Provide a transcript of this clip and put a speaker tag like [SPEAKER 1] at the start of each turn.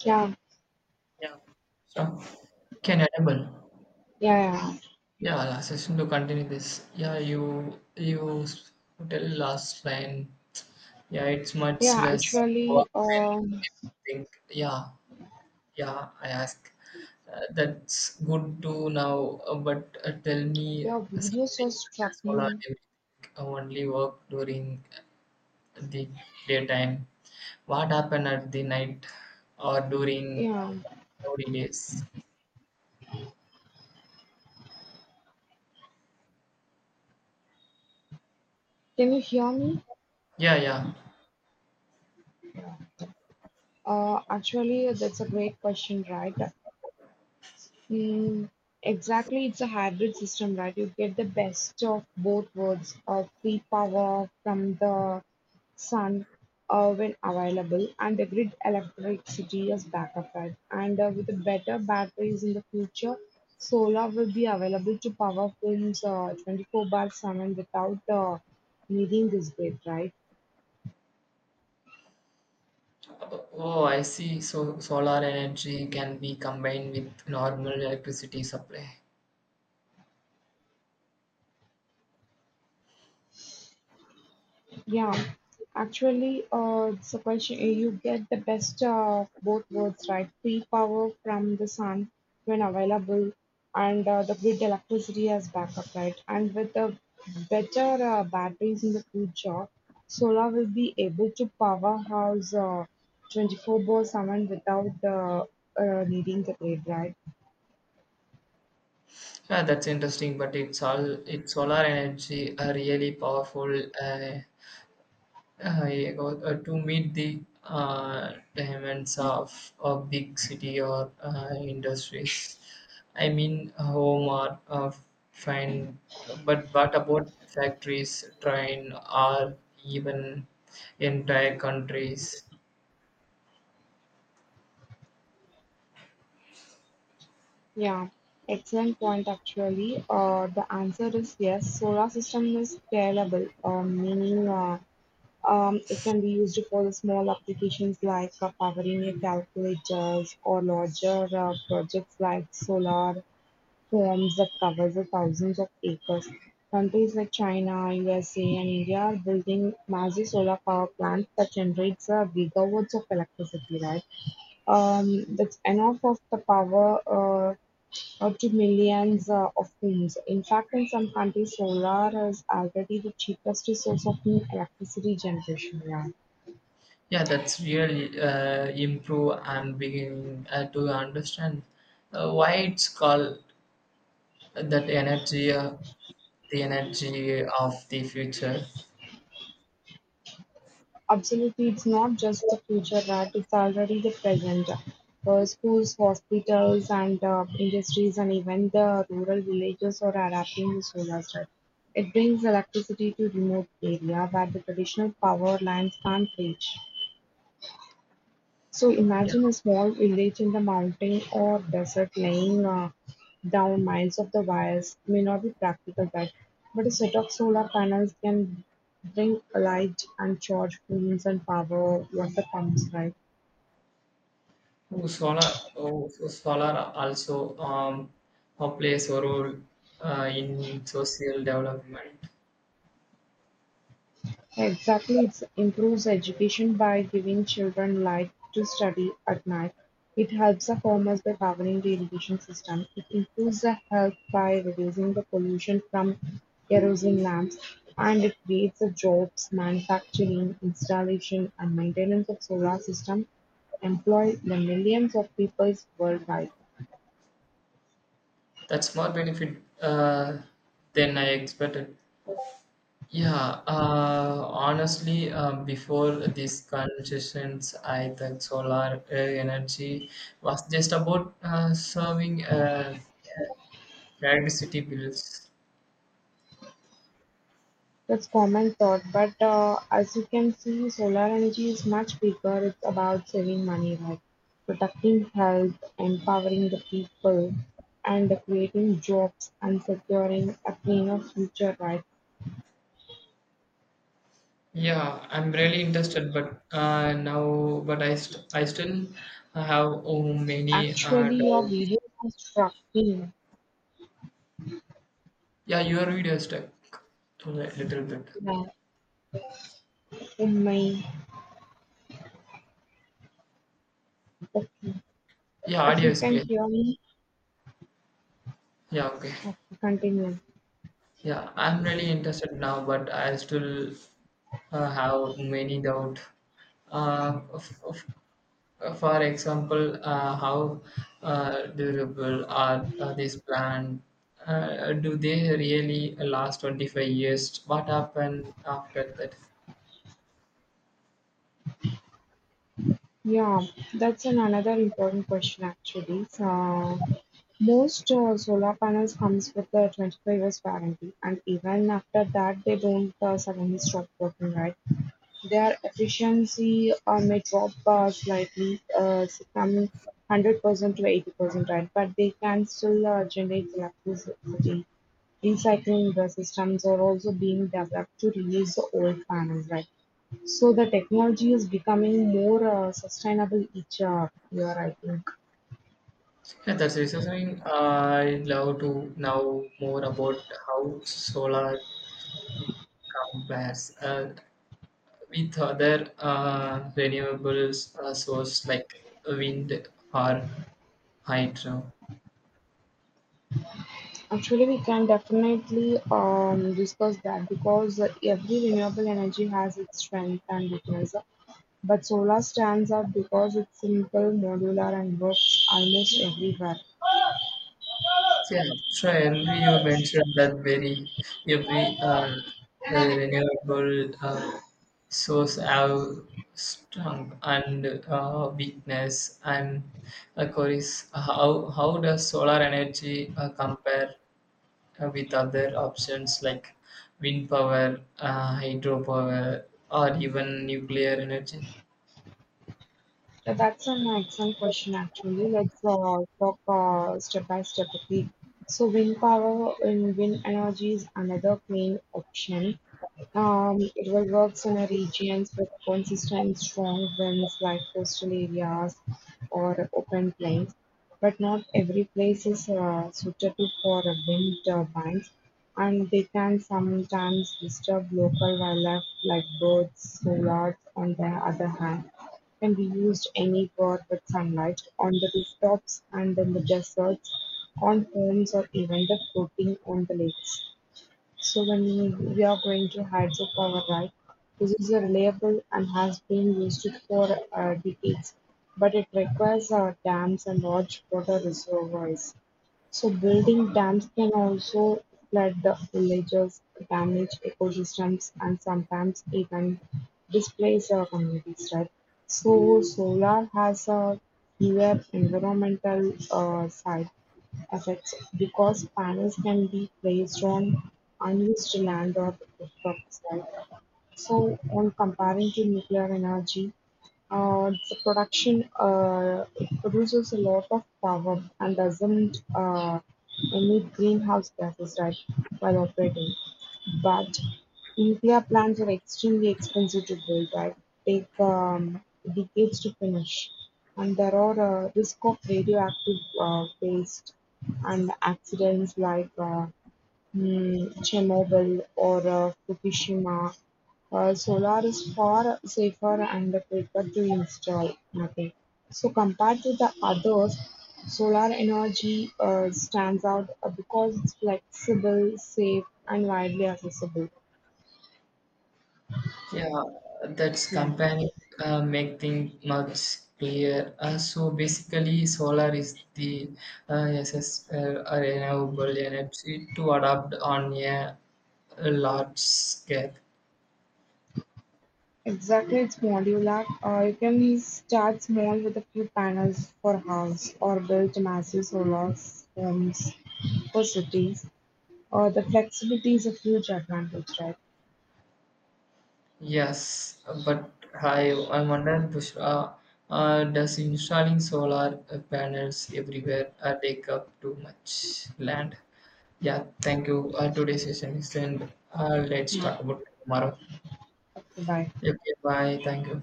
[SPEAKER 1] Yeah,
[SPEAKER 2] Yeah, so, can you double?
[SPEAKER 1] yeah, yeah.
[SPEAKER 2] Yeah, last session to continue this. Yeah, you tell last line. Yeah, it's much
[SPEAKER 1] Yeah,
[SPEAKER 2] less
[SPEAKER 1] actually,
[SPEAKER 2] work than think. Yeah, yeah, I ask. That's good to now, but tell me
[SPEAKER 1] your videos
[SPEAKER 2] something.
[SPEAKER 1] just struck
[SPEAKER 2] That's all I
[SPEAKER 1] me.
[SPEAKER 2] everything. I only work during the daytime. What happened at the night or during
[SPEAKER 1] Yeah,
[SPEAKER 2] cloudy days?
[SPEAKER 1] can you hear me?
[SPEAKER 2] Yeah, yeah.
[SPEAKER 1] Actually, that's a great question, right? Mm, exactly, it's a hybrid system, right? You get the best of both worlds of free power from the sun when available, and the grid electricity as backup, right? And with the better batteries in the future, solar will be available to power homes 24 bar 7 without needing this grid, right?
[SPEAKER 2] Oh, I see. So solar energy can be combined with normal electricity supply.
[SPEAKER 1] Yeah, actually, it's a question. You get the best of both worlds, right? Free power from the sun when available, and the grid electricity as backup, right? And with the better batteries in the future, solar will be able to power house 24 by 7 without needing the grid, right?
[SPEAKER 2] Yeah, that's interesting, but it's solar energy are really powerful uh, uh, to meet the demands of a big city or industries. I mean, home or fine, but what about factories, train, or even entire countries?
[SPEAKER 1] Yeah, excellent point actually. The answer is yes, solar system is scalable, meaning it can be used for the small applications like powering your calculators or larger projects like solar farms that covers the thousands of acres. Countries like China, USA, and India are building massive solar power plants that generates gigawatts of electricity, right? That's enough of the power to millions of homes. In fact, in some countries, solar is already the cheapest source of new electricity generation. Yeah.
[SPEAKER 2] Yeah, that's really improve and begin to understand why it's called that energy, the energy of the future.
[SPEAKER 1] Absolutely, it's not just the future rat, it's already the present. Schools, hospitals, and industries, and even the rural villages are adapting to solar stripe. It brings electricity to remote area where the traditional power lines can't reach. So
[SPEAKER 2] Yeah,
[SPEAKER 1] imagine a small village in the mountain or desert laying down miles of the wires may not be practical that, but a set of solar panels can bring light and charge phones and power water pumps, right?
[SPEAKER 2] so solar also plays a role in social development.
[SPEAKER 1] Exactly, it improves education by giving children light to study at night. It helps the farmers by powering the irrigation system. It improves the health by reducing the pollution from kerosene lamps. And it creates the jobs, manufacturing, installation, and maintenance of solar system employ the millions of people worldwide.
[SPEAKER 2] That's more benefit than I expected. Yeah, honestly, before these conversations, I thought solar energy was just about serving electricity bills.
[SPEAKER 1] That's common thought, but as you can see, solar energy is much bigger. It's about saving money, right? Protecting health, empowering the people, and creating jobs and securing a cleaner future, right?
[SPEAKER 2] Yeah, I'm really interested, but now, but I still have oh, many
[SPEAKER 1] Actually, your
[SPEAKER 2] doubts.
[SPEAKER 1] video is shocking.
[SPEAKER 2] Yeah, your video is stuck a little bit.
[SPEAKER 1] Yeah. Oh my. Okay.
[SPEAKER 2] Yeah,
[SPEAKER 1] If
[SPEAKER 2] audio
[SPEAKER 1] you
[SPEAKER 2] is
[SPEAKER 1] can
[SPEAKER 2] clear.
[SPEAKER 1] hear me,
[SPEAKER 2] Yeah, okay.
[SPEAKER 1] okay, continue.
[SPEAKER 2] Yeah, I'm really interested now, but I still have many doubt. Uh, f- f- for example, how durable are these plans? Do they really last 25 years? What happened after that?
[SPEAKER 1] Yeah, that's an another important question actually. So, most solar panels comes with a 25 years warranty and even after that they don't suddenly stop working, right? Their efficiency may drop slightly from 100% to 80%, right? But they can still generate electricity. Recycling the systems are also being developed to reuse the old panels, right? So the technology is becoming more sustainable each year, I think.
[SPEAKER 2] Yeah, that's interesting. I'd love to know more about how solar compares with other renewables source like wind or hydro.
[SPEAKER 1] Actually, we can definitely discuss that because every renewable energy has its strength and weakness. But solar stands out because it's simple, modular, and works almost everywhere.
[SPEAKER 2] Yeah, sure. You mentioned that very every
[SPEAKER 1] Yeah,
[SPEAKER 2] renewable source have strength and weakness. And Coris, how does solar energy compare with other options like wind power, hydropower, or even nuclear energy?
[SPEAKER 1] that's an excellent question, actually. Let's talk step by step. Okay. So, wind power and wind energy is another clean option. It will works on a regions with consistent strong winds like coastal areas or open plains, but not every place is suitable for wind turbines, and they can sometimes disturb local wildlife like birds, lizards. On the other hand, can be used anywhere with sunlight on the rooftops and in the deserts, on homes, or even the floating on the lakes. So when we are going to hydropower, right? This is a reliable and has been used for decades, but it requires dams and large water reservoirs. So building dams can also flood the villages, damage ecosystems, and sometimes even displace our communities, right? So solar has a severe environmental side effects because panels can be placed on unused land or rooftops, right? So on comparing to nuclear energy, the production it produces a lot of power and doesn't emit greenhouse gases right while operating. But nuclear plants are extremely expensive to build. Right, take decades to finish, and there are risk of radioactive waste and accidents like Chernobyl or Fukushima. Solar is far safer and quicker to install. Nothing. So compared to the others, solar energy stands out because it's flexible, safe, and widely accessible.
[SPEAKER 2] Yeah, that's
[SPEAKER 1] Yeah.
[SPEAKER 2] company make things much clear. So basically, solar is the SS, a renewable energy to adopt on a large scale.
[SPEAKER 1] Exactly, it's modular. You can start small with a few panels for house or build massive solar homes for cities. The flexibility is a huge advantage, right?
[SPEAKER 2] Yes, but I wonder, Bushra, does installing solar panels everywhere take up too much land? Yeah, thank you. Today's session is end. Let's
[SPEAKER 1] No.
[SPEAKER 2] talk about it tomorrow.
[SPEAKER 1] Goodbye.
[SPEAKER 2] Okay, bye. Thank you.